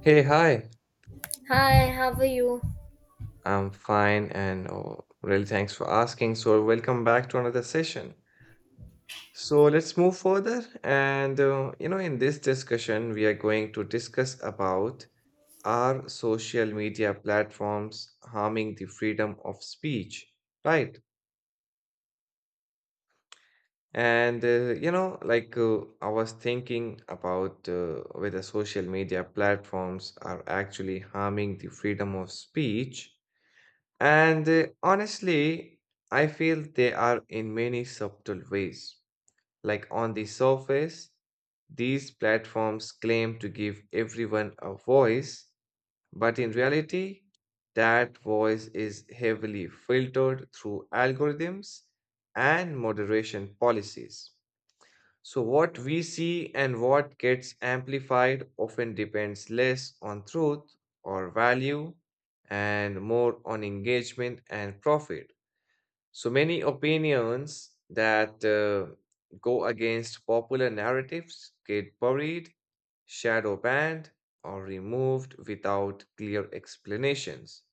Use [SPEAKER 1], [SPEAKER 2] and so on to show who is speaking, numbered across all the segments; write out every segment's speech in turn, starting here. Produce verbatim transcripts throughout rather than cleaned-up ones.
[SPEAKER 1] Hey, hi.
[SPEAKER 2] Hi, how are you?
[SPEAKER 1] I'm fine and oh, really thanks for asking. So, welcome back to another session. So, let's move further. And, uh, you know, in this discussion, we are going to discuss about are social media platforms harming the freedom of speech, right? And, uh, you know, like uh, I was thinking about uh, whether social media platforms are actually harming the freedom of speech. And uh, honestly, I feel they are in many subtle ways. Like on the surface, these platforms claim to give everyone a voice, but in reality, that voice is heavily filtered through algorithms and moderation policies. So, what we see and what gets amplified often depends less on truth or value and more on engagement and profit. So, many opinions that uh, go against popular narratives get buried, shadow banned, or removed without clear explanations.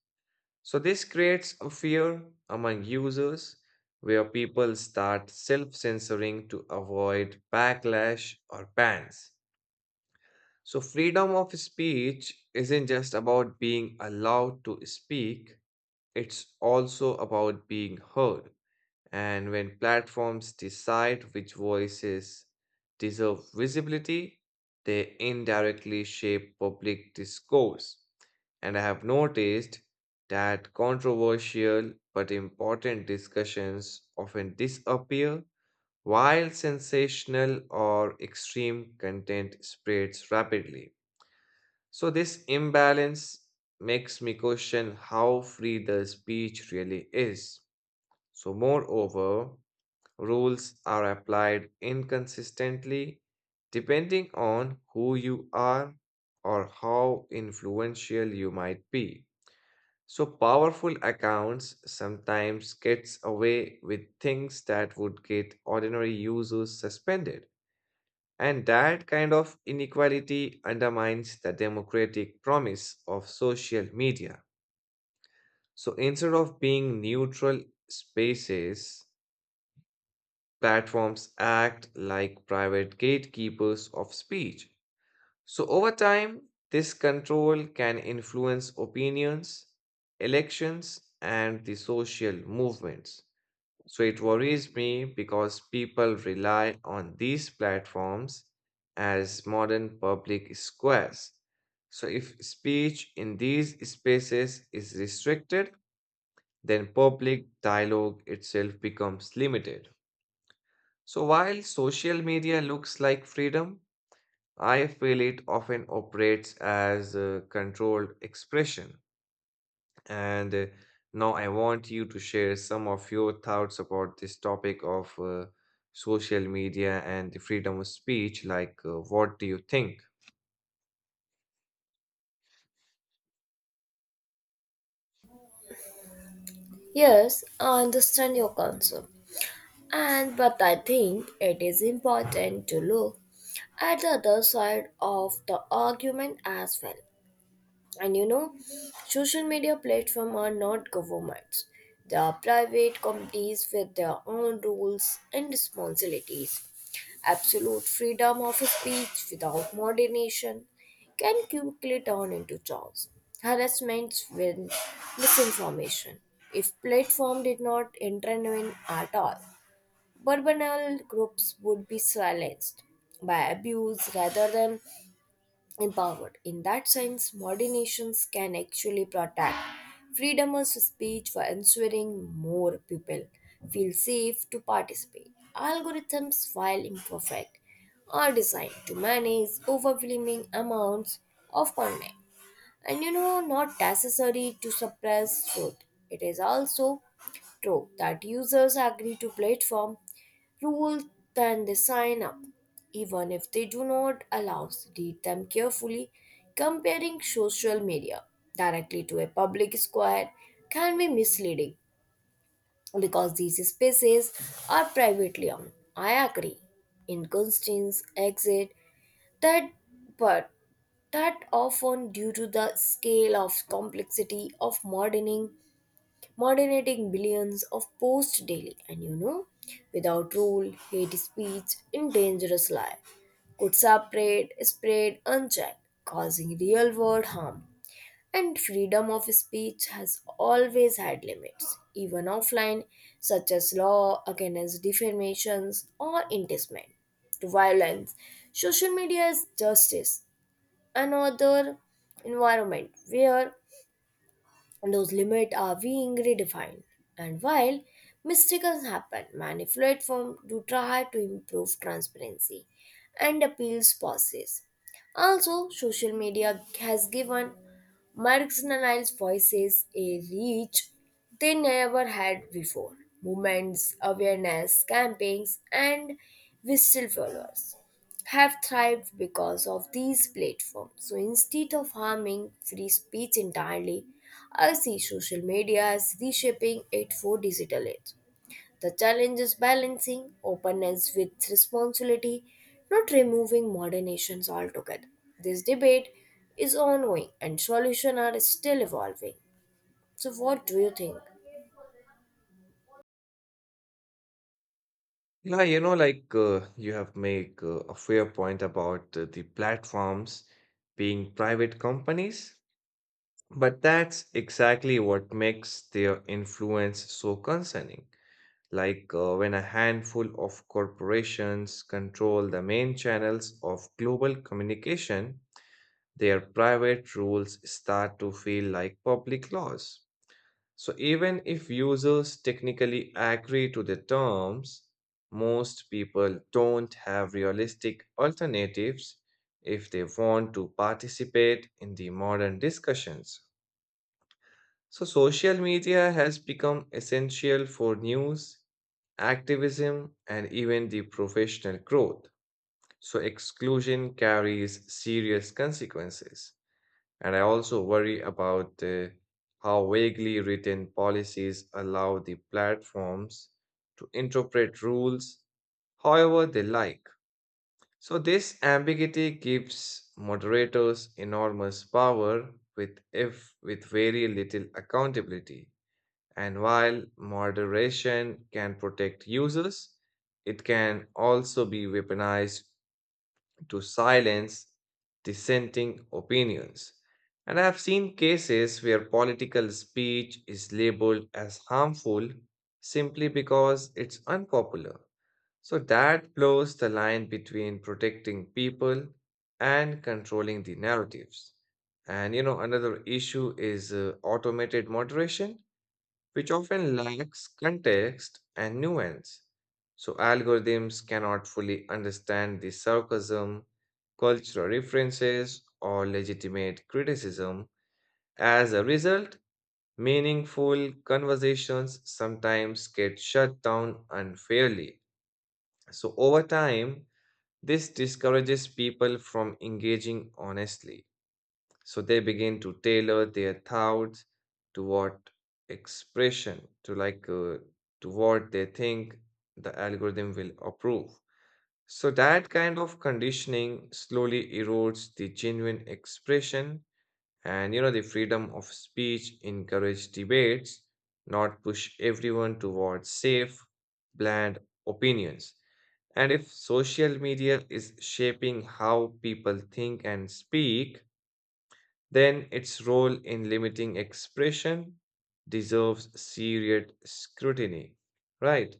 [SPEAKER 1] So, this creates a fear among users where people start self censoring to avoid backlash or bans. So, freedom of speech isn't just about being allowed to speak, it's also about being heard. And when platforms decide which voices deserve visibility, they indirectly shape public discourse. And I have noticed that controversial but important discussions often disappear while sensational or extreme content spreads rapidly. So, this imbalance makes me question how free the speech really is. So, moreover, rules are applied inconsistently depending on who you are or how influential you might be. So powerful accounts sometimes gets away with things that would get ordinary users suspended. And that kind of inequality undermines the democratic promise of social media. So instead of being neutral spaces, platforms act like private gatekeepers of speech. So, over time, this control can influence opinions, elections, and the social movements. So, it worries me because people rely on these platforms as modern public squares. So, if speech in these spaces is restricted, then public dialogue itself becomes limited. So while social media looks like freedom, I feel it often operates as a controlled expression. And uh, now I want you to share some of your thoughts about this topic of uh, social media and the freedom of speech. Like, uh, what do you think?
[SPEAKER 2] Yes, I understand your concern. And but I think it is important to look at the other side of the argument as well. And you know, social media platforms are not governments. They are private companies with their own rules and responsibilities. Absolute freedom of speech without moderation can quickly turn into chaos, harassments, with misinformation. If platform did not intervene at all, vulnerable groups would be silenced by abuse rather than empowered. In that sense, modern nations can actually protect freedom of speech by ensuring more people feel safe to participate. Algorithms, while imperfect, are designed to manage overwhelming amounts of content. And you know, not necessary to suppress truth. It is also true that users agree to platform rules, then they sign up. Even if they do not allow, read them carefully. Comparing social media directly to a public square can be misleading because these spaces are privately owned. I agree. Inconstance exit that but that often due to the scale of complexity of modeling moderating billions of posts daily. And you know, without rule, hate speech and dangerous lie could separate, spread unchecked, causing real world harm. And freedom of speech has always had limits, even offline, such as law against defamations or incitement to violence. Social media is justice, another environment where those limits are being redefined. And while mistakes happen, many platforms do try to improve transparency and appeals process. Also, social media has given marginalized voices a reach they never had before. Movements, awareness campaigns, and whistle followers have thrived because of these platforms. So instead of harming free speech entirely, I see social media as reshaping it for digital age. The challenge is balancing openness with responsibility, not removing modern nations altogether. This debate is ongoing and solutions are still evolving. So, what do you think?
[SPEAKER 1] Yeah, you know, like uh, you have made uh, a fair point about uh, the platforms being private companies. But that's exactly what makes their influence so concerning. Like uh, when a handful of corporations control the main channels of global communication, their private rules start to feel like public laws. So even if users technically agree to the terms, most people don't have realistic alternatives if they want to participate in the modern discussions. So, social media has become essential for news, activism, and even the professional growth. So, exclusion carries serious consequences. And I also worry about uh, how vaguely written policies allow the platforms to interpret rules however they like. So, this ambiguity gives moderators enormous power with, if, with very little accountability. And while moderation can protect users, it can also be weaponized to silence dissenting opinions. And I have seen cases where political speech is labeled as harmful simply because it's unpopular. So that blurs the line between protecting people and controlling the narratives. And you know, another issue is uh, automated moderation which often lacks context and nuance. So, algorithms cannot fully understand the sarcasm, cultural references, or legitimate criticism. As a result, meaningful conversations sometimes get shut down unfairly. So, over time, this discourages people from engaging honestly. So they begin to tailor their thoughts to what expression to like uh, to what they think the algorithm will approve. So that kind of conditioning slowly erodes the genuine expression and you know the freedom of speech encourage debates, not push everyone towards safe, bland opinions. And if social media is shaping how people think and speak, then its role in limiting expression deserves serious scrutiny. Right.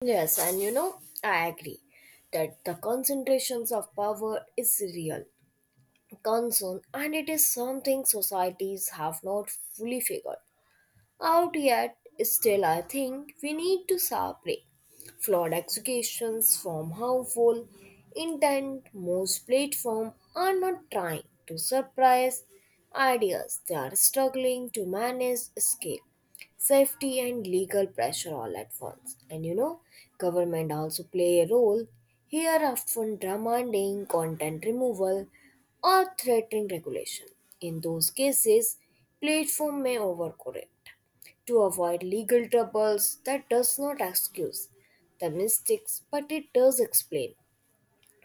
[SPEAKER 2] Yes, and you know, I agree that the concentrations of power is real concern and it is something societies have not fully figured out yet. Still, I think we need to separate flawed executions from harmful intent. Most platforms are not trying to suppress ideas, they are struggling to manage scale safety and legal pressure all at once. And you know, government also play a role here often demanding content removal or threatening regulation. In those cases, platform may overcorrect to avoid legal troubles that does not excuse the mistakes but it does explain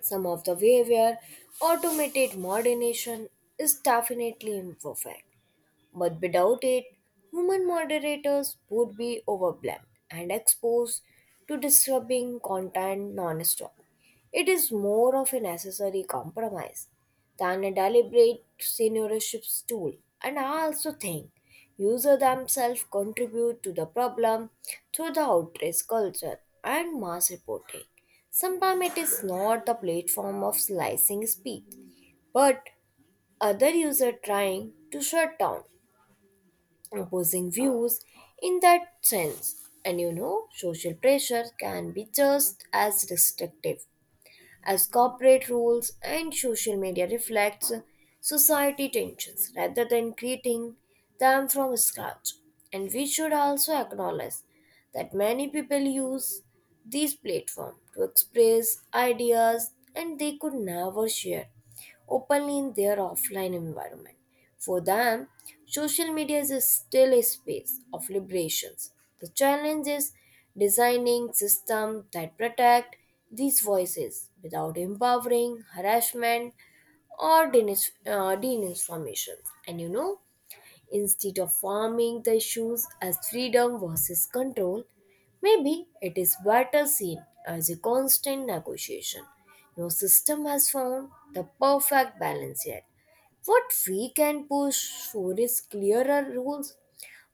[SPEAKER 2] some of the way where automated modernization is definitely imperfect but without it, human moderators would be overwhelmed and exposed to disturbing content non-stop. It is more of a necessary compromise than a deliberate seniorship tool. And I also think users themselves contribute to the problem through the outrage culture and mass reporting. Sometimes it is not the platform of slicing speed, but other user trying to shut down opposing views in that sense. And you know, social pressure can be just as restrictive as corporate rules, and social media reflects society tensions rather than creating them from scratch. And we should also acknowledge that many people use these platforms to express ideas and they could never share openly in their offline environment. For them, social media is a- still a space of liberations. The challenge is designing systems that protect these voices without empowering harassment or denis- uh, deninformation. And you know, Instead of forming the issues as freedom versus control, maybe it is better seen as a constant negotiation. No system has found the perfect balance yet. What we can push for is clearer rules,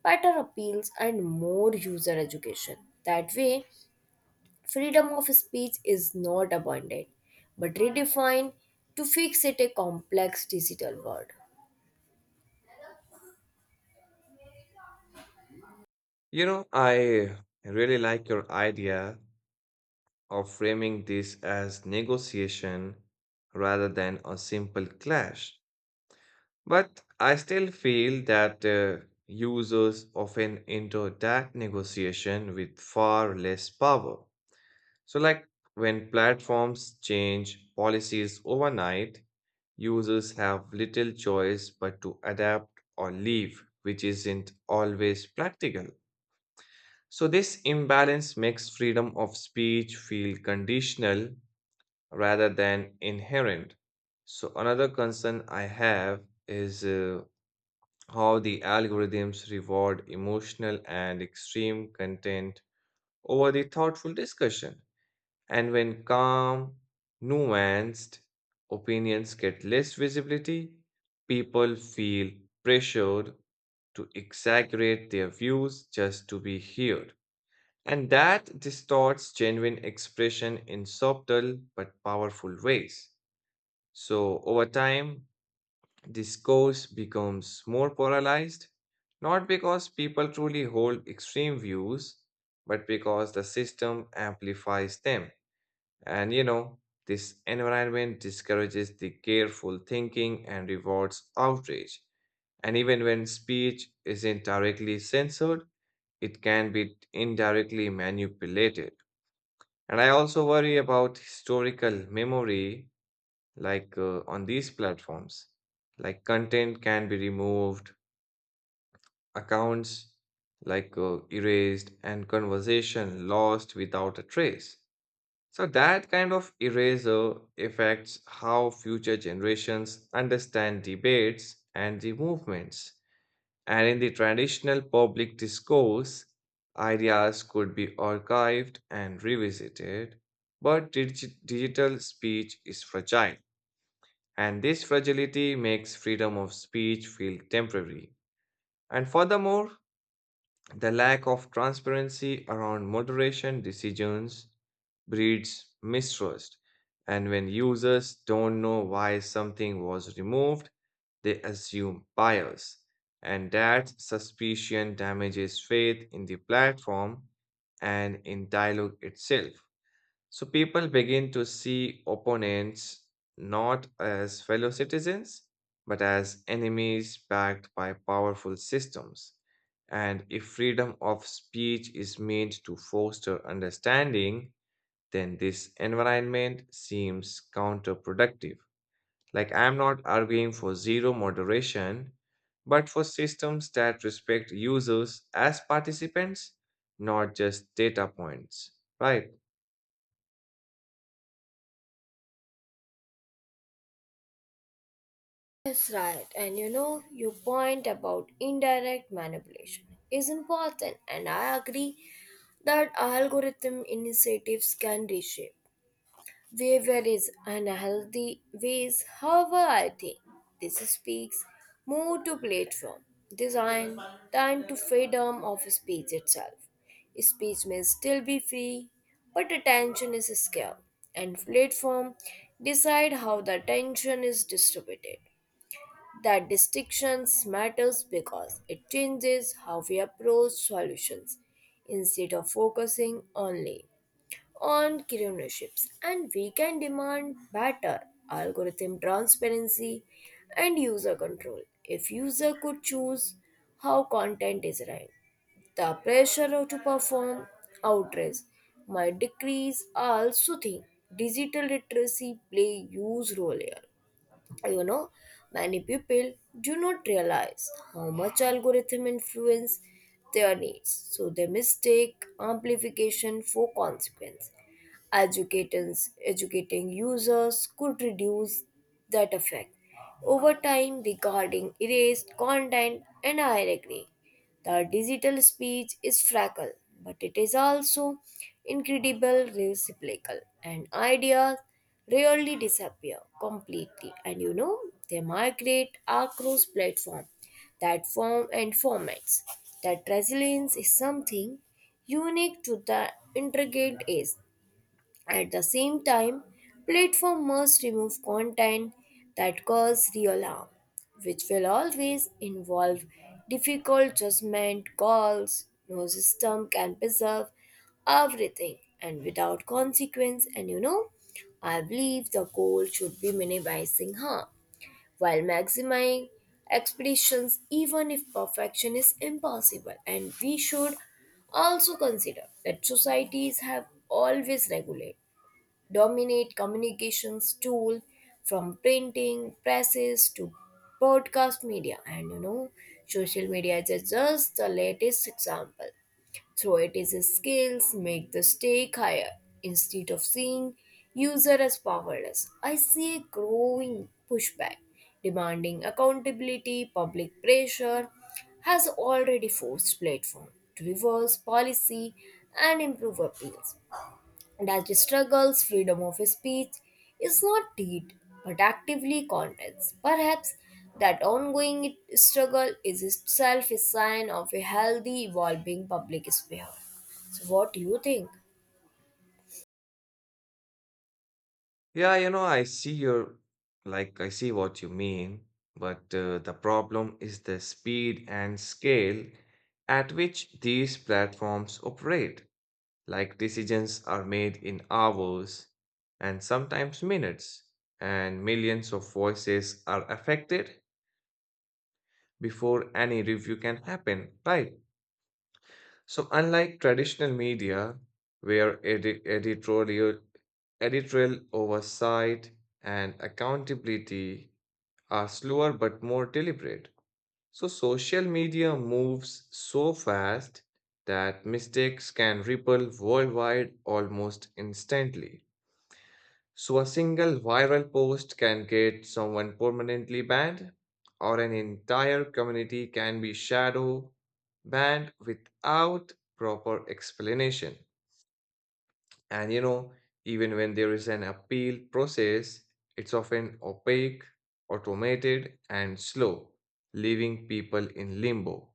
[SPEAKER 2] better appeals, and more user education. That way, freedom of speech is not abandoned, but redefined to fix it a complex digital world.
[SPEAKER 1] You know, I really like your idea of framing this as negotiation rather than a simple clash. But I still feel that uh, users often enter that negotiation with far less power. So, like when platforms change policies overnight, users have little choice but to adapt or leave, which isn't always practical. So, this imbalance makes freedom of speech feel conditional rather than inherent. So, another concern I have is uh, how the algorithms reward emotional and extreme content over the thoughtful discussion. And when calm, nuanced opinions get less visibility, people feel pressured to exaggerate their views just to be heard. And that distorts genuine expression in subtle but powerful ways. So, over time, discourse becomes more polarized, not because people truly hold extreme views, but because the system amplifies them. And you know, this environment discourages the careful thinking and rewards outrage. And even when speech isn't directly censored, it can be indirectly manipulated. And I also worry about historical memory, like uh, on these platforms. Like content can be removed, accounts like uh, erased, and conversation lost without a trace. So that kind of eraser affects how future generations understand debates and the movements. And in the traditional public discourse, ideas could be archived and revisited, but dig- digital speech is fragile. And this fragility makes freedom of speech feel temporary. And furthermore, the lack of transparency around moderation decisions breeds mistrust, and when users don't know why something was removed, they assume bias, and that suspicion damages faith in the platform and in dialogue itself. So people begin to see opponents not as fellow citizens, but as enemies backed by powerful systems. And if freedom of speech is meant to foster understanding, then this environment seems counterproductive. Like, I'm not arguing for zero moderation, but for systems that respect users as participants, not just data points, right?
[SPEAKER 2] Yes, right. And you know, your point about indirect manipulation is important, and I agree that algorithm initiatives can reshape behavior is unhealthy ways. However, I think this speaks more to platform design than to freedom of speech itself. Speech may still be free, but attention is scarce, and platform decide how the attention is distributed. That distinctions matters because it changes how we approach solutions. Instead of focusing only on criminalships, and we can demand better algorithm transparency and user control. If user could choose how content is ranked, the pressure to perform outrage might decrease. I also think digital literacy play huge role here. You know, many people do not realize how much algorithm influence their needs so they mistake amplification for consequence. Educators, educating users could reduce that effect over time regarding erased content and I agree. The digital speech is fragile, but it is also incredible recyclable and ideas rarely disappear completely, and you know they migrate across platform that form and formats. That resilience is something unique to the intricate age. At the same time, platform must remove content that cause real harm, which will always involve difficult judgment calls. No system can preserve everything and without consequence. And you know, I believe the goal should be minimizing harm while maximizing expeditions, even if perfection is impossible. And we should also consider that societies have always regulated dominate communications tool from printing presses to broadcast media, and you know social media is just the latest example through it is skills make the stake higher. Instead of seeing user as powerless, I see a growing pushback demanding accountability. Public pressure has already forced platform to reverse policy and improve appeals. That struggles freedom of speech is not deed but actively contests. Perhaps that ongoing struggle is itself a sign of a healthy, evolving public sphere. So, what do you think?
[SPEAKER 1] Yeah, you know, I see your, like, I see what you mean, but uh, the problem is the speed and scale at which these platforms operate. Like, decisions are made in hours and sometimes minutes, and millions of voices are affected before any review can happen, right? So, unlike traditional media, where edi- editorial, editorial oversight and accountability are slower but more deliberate, so social media moves so fast that mistakes can ripple worldwide almost instantly. So a single viral post can get someone permanently banned, or an entire community can be shadow banned without proper explanation. And you know, even when there is an appeal process, it's often opaque, automated, and slow, leaving people in limbo.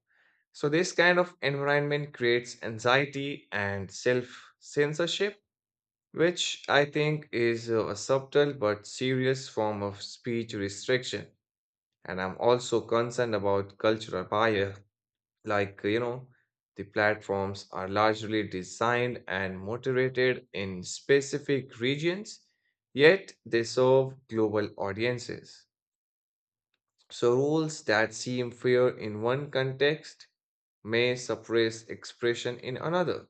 [SPEAKER 1] So, this kind of environment creates anxiety and self censorship which I think is a subtle but serious form of speech restriction. And I'm also concerned about cultural bias, like, you know, the platforms are largely designed and moderated in specific regions, yet they serve global audiences. So, rules that seem fair in one context may suppress expression in another.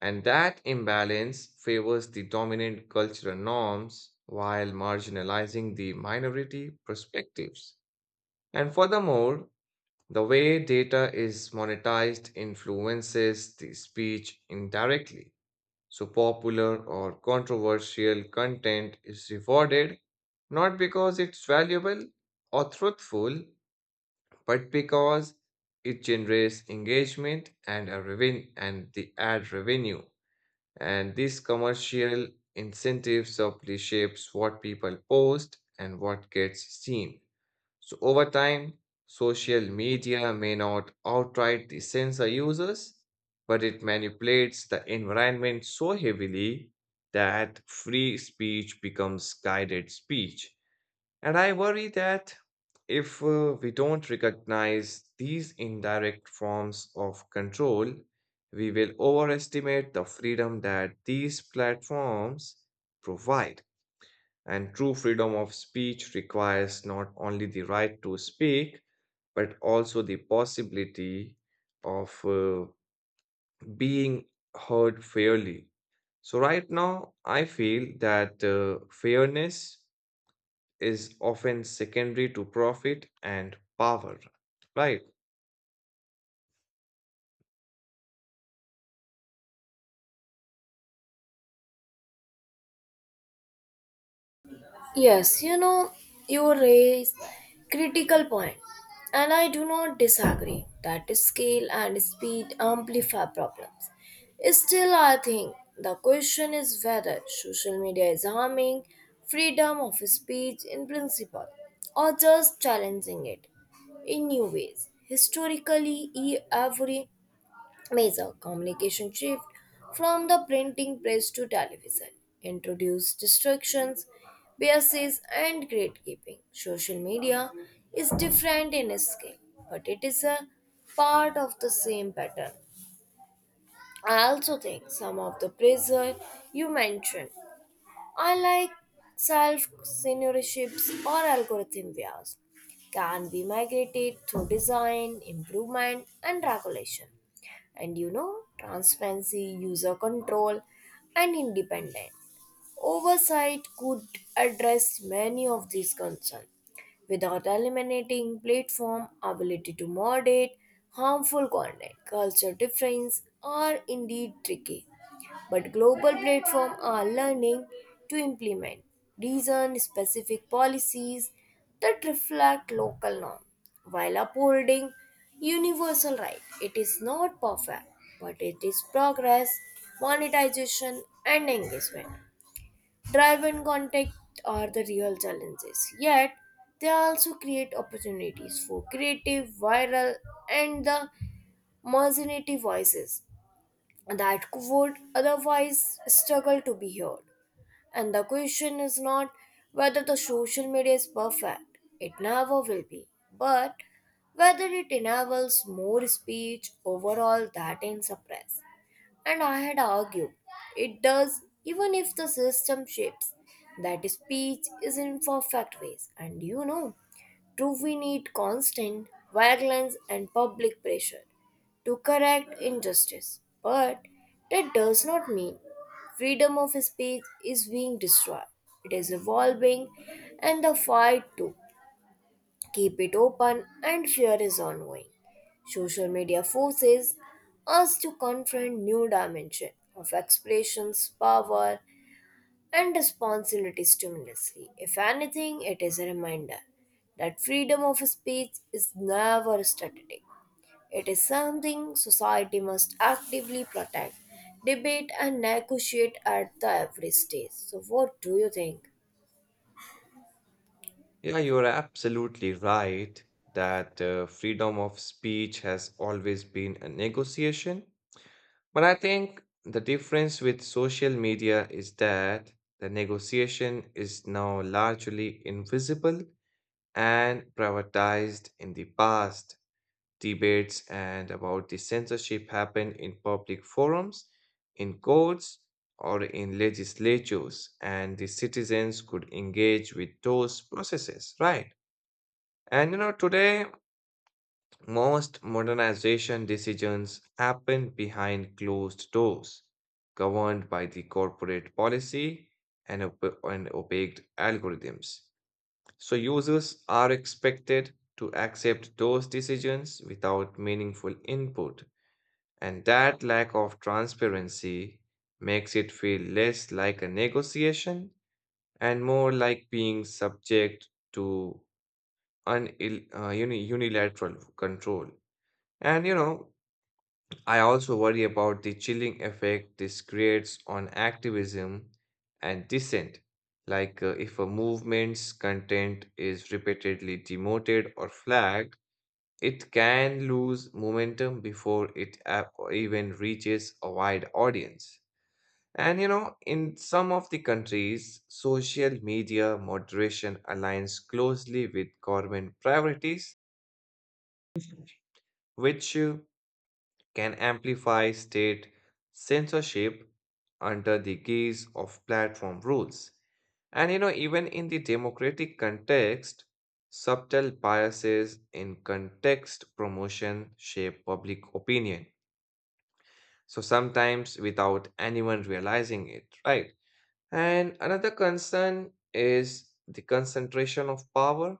[SPEAKER 1] And that imbalance favors the dominant cultural norms while marginalizing the minority perspectives. And furthermore, the way data is monetized influences the speech indirectly. So, popular or controversial content is rewarded not because it's valuable or truthful, but because it generates engagement and a reven- and the ad revenue. And these commercial incentives subtly shapes what people post and what gets seen. So over time, social media may not outright censor users, but it manipulates the environment so heavily that free speech becomes guided speech. And I worry that if uh, we don't recognize these indirect forms of control, we will overestimate the freedom that these platforms provide. And true freedom of speech requires not only the right to speak, but also the possibility of uh, being heard fairly. So, right now, I feel that uh, fairness is often secondary to profit and power, right?
[SPEAKER 2] Yes, you know, you raise critical point, and I do not disagree that scale and speed amplify problems. Still, I think the question is whether social media is harming freedom of speech in principle or just challenging it in new ways. Historically, e- every major communication shift from the printing press to television introduced distractions, biases, and gatekeeping. Social media is different in scale, but it is a part of the same pattern. I also think some of the pressure you mentioned, unlike self seniorships or algorithm bias, can be migrated through design, improvement, and regulation. And you know, transparency, user control, and independence. Oversight could address many of these concerns without eliminating platform ability to moderate harmful content. Culture differences are indeed tricky, but global platforms are learning to implement reason-specific policies that reflect local norms while upholding universal rights. It is not perfect, but it is progress, monetization, and engagement. Drive-in contact are the real challenges, yet they also create opportunities for creative, viral, and the imaginative voices that would otherwise struggle to be heard. And the question is not whether the social media is perfect, it never will be, but whether it enables more speech overall that in suppress. And I had argued it does, even if the system shapes that speech is in perfect ways. And you know, do we need constant violence and public pressure to correct injustice? But that does not mean freedom of speech is being destroyed. It is evolving, and the fight too keep it open, and fear is ongoing. Social media forces us to confront new dimension of expressions, power, and responsibility stimulously. If anything, it is a reminder that freedom of speech is never static. It is something society must actively protect, debate, and negotiate at the every stage. So, what do you think?
[SPEAKER 1] Yeah, you're absolutely right that uh, freedom of speech has always been a negotiation. But I think the difference with social media is that the negotiation is now largely invisible and privatized in the past. Debates and about the censorship happen in public forums, in courts, or in legislatures, and the citizens could engage with those processes, right? And you know, today, most modernization decisions happen behind closed doors, governed by the corporate policy and, op- and opaque algorithms. So, users are expected to accept those decisions without meaningful input and that lack of transparency makes it feel less like a negotiation and more like being subject to un- il- uh, uni- unilateral control. And you know, I also worry about the chilling effect this creates on activism and dissent. Like, uh, if a movement's content is repeatedly demoted or flagged, it can lose momentum before it a- even reaches a wide audience. And you know, in some of the countries, social media moderation aligns closely with government priorities, which uh, can amplify state censorship under the guise of platform rules. And you know, even in the democratic context, subtle biases in context promotion shape public opinion. So sometimes without anyone realizing it, right? And another concern is the concentration of power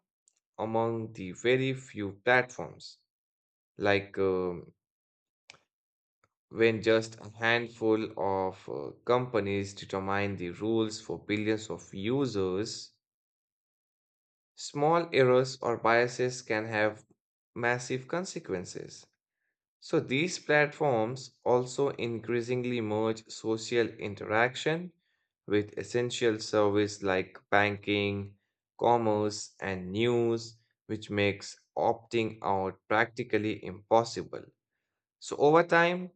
[SPEAKER 1] among the very few platforms. Like um, when just a handful of uh, companies determine the rules for billions of users, small errors or biases can have massive consequences. So these platforms also increasingly merge social interaction with essential service like banking, commerce, and news, which makes opting out practically impossible. So over time,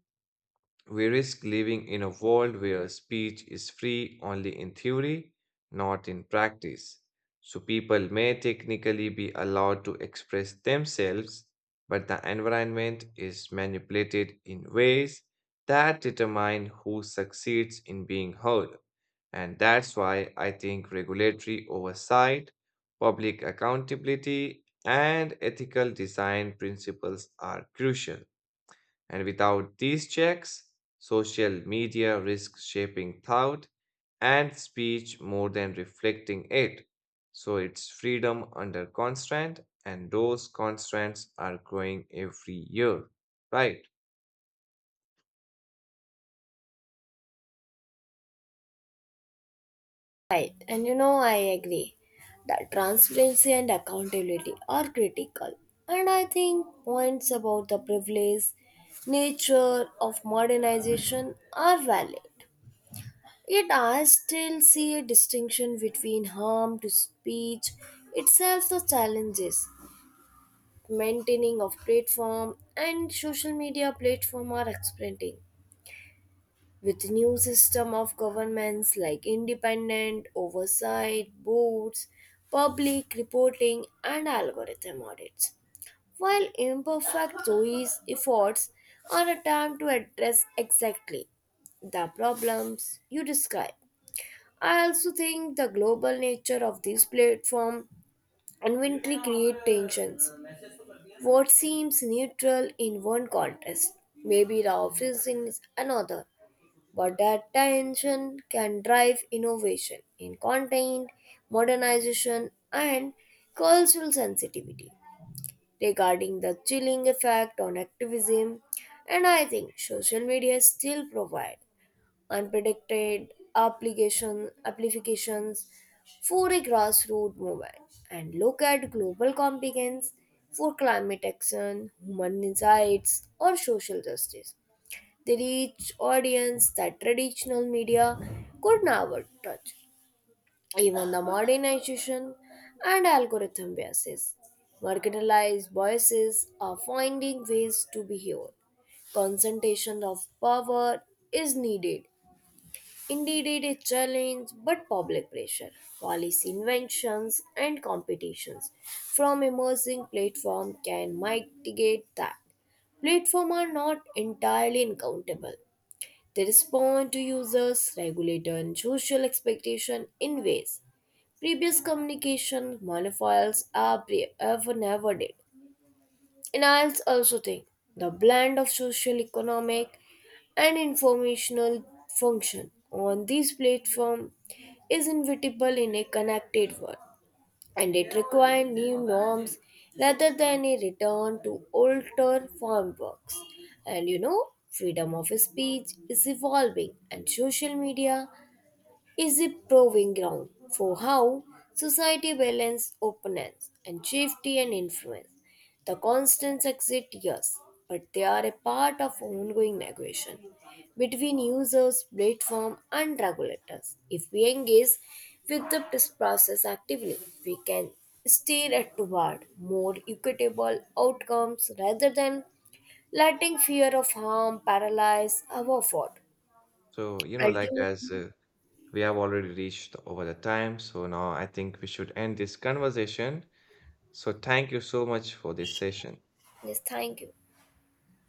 [SPEAKER 1] we risk living in a world where speech is free only in theory, not in practice. So people may technically be allowed to express themselves, but the environment is manipulated in ways that determine who succeeds in being heard. And that's why I think regulatory oversight, public accountability, and ethical design principles are crucial. And without these checks, social media risks shaping thought and speech more than reflecting it. So it's freedom under constraint, and those constraints are growing every year, right?
[SPEAKER 2] Right, and you know, I agree that transparency and accountability are critical. And I think points about the privilege nature of modernization are valid. Yet I still see a distinction between harm to speech itself the challenges maintaining of platform and social media platform are expanding with new system of governments like independent oversight boards public reporting and algorithm audits. While imperfect, these efforts are a attempt to address exactly the problems you describe. I also think the global nature of this platform inventory create tensions. What seems neutral in one context may be the office in another. But that tension can drive innovation in content, modernization, and cultural sensitivity. Regarding the chilling effect on activism, and I think social media still provide unpredicted application applications for a grassroots movement and look at global competence for climate action, human rights, or social justice. They reach audience that traditional media could never touch. Even the modernization and algorithm biases. Marginalized voices are finding ways to be heard. Concentration of power is needed. Indeed, it is challenge, but public pressure, policy inventions, and competitions from emerging platforms can mitigate that. Platforms are not entirely accountable they respond to users, regulator, and social expectation in ways previous communication monofiles are pre- ever never did. And I also think the blend of social, economic, and informational function on this platform is inevitable in a connected world and it required new norms rather than a return to older frameworks. And you know, freedom of speech is evolving, and social media is a proving ground for how society balances openness and safety and influence. The constants exist, yes, but they are a part of ongoing negotiation between users, platform, and regulators. If we engage with the process actively, we can steer it toward more equitable outcomes rather than letting fear of harm paralyze our effort.
[SPEAKER 1] So, you know, like as
[SPEAKER 2] Ultimately,
[SPEAKER 1] uh, we have already reached over the time, so now I think we should end this conversation. So, thank you so much for this session.
[SPEAKER 2] yes, thank you.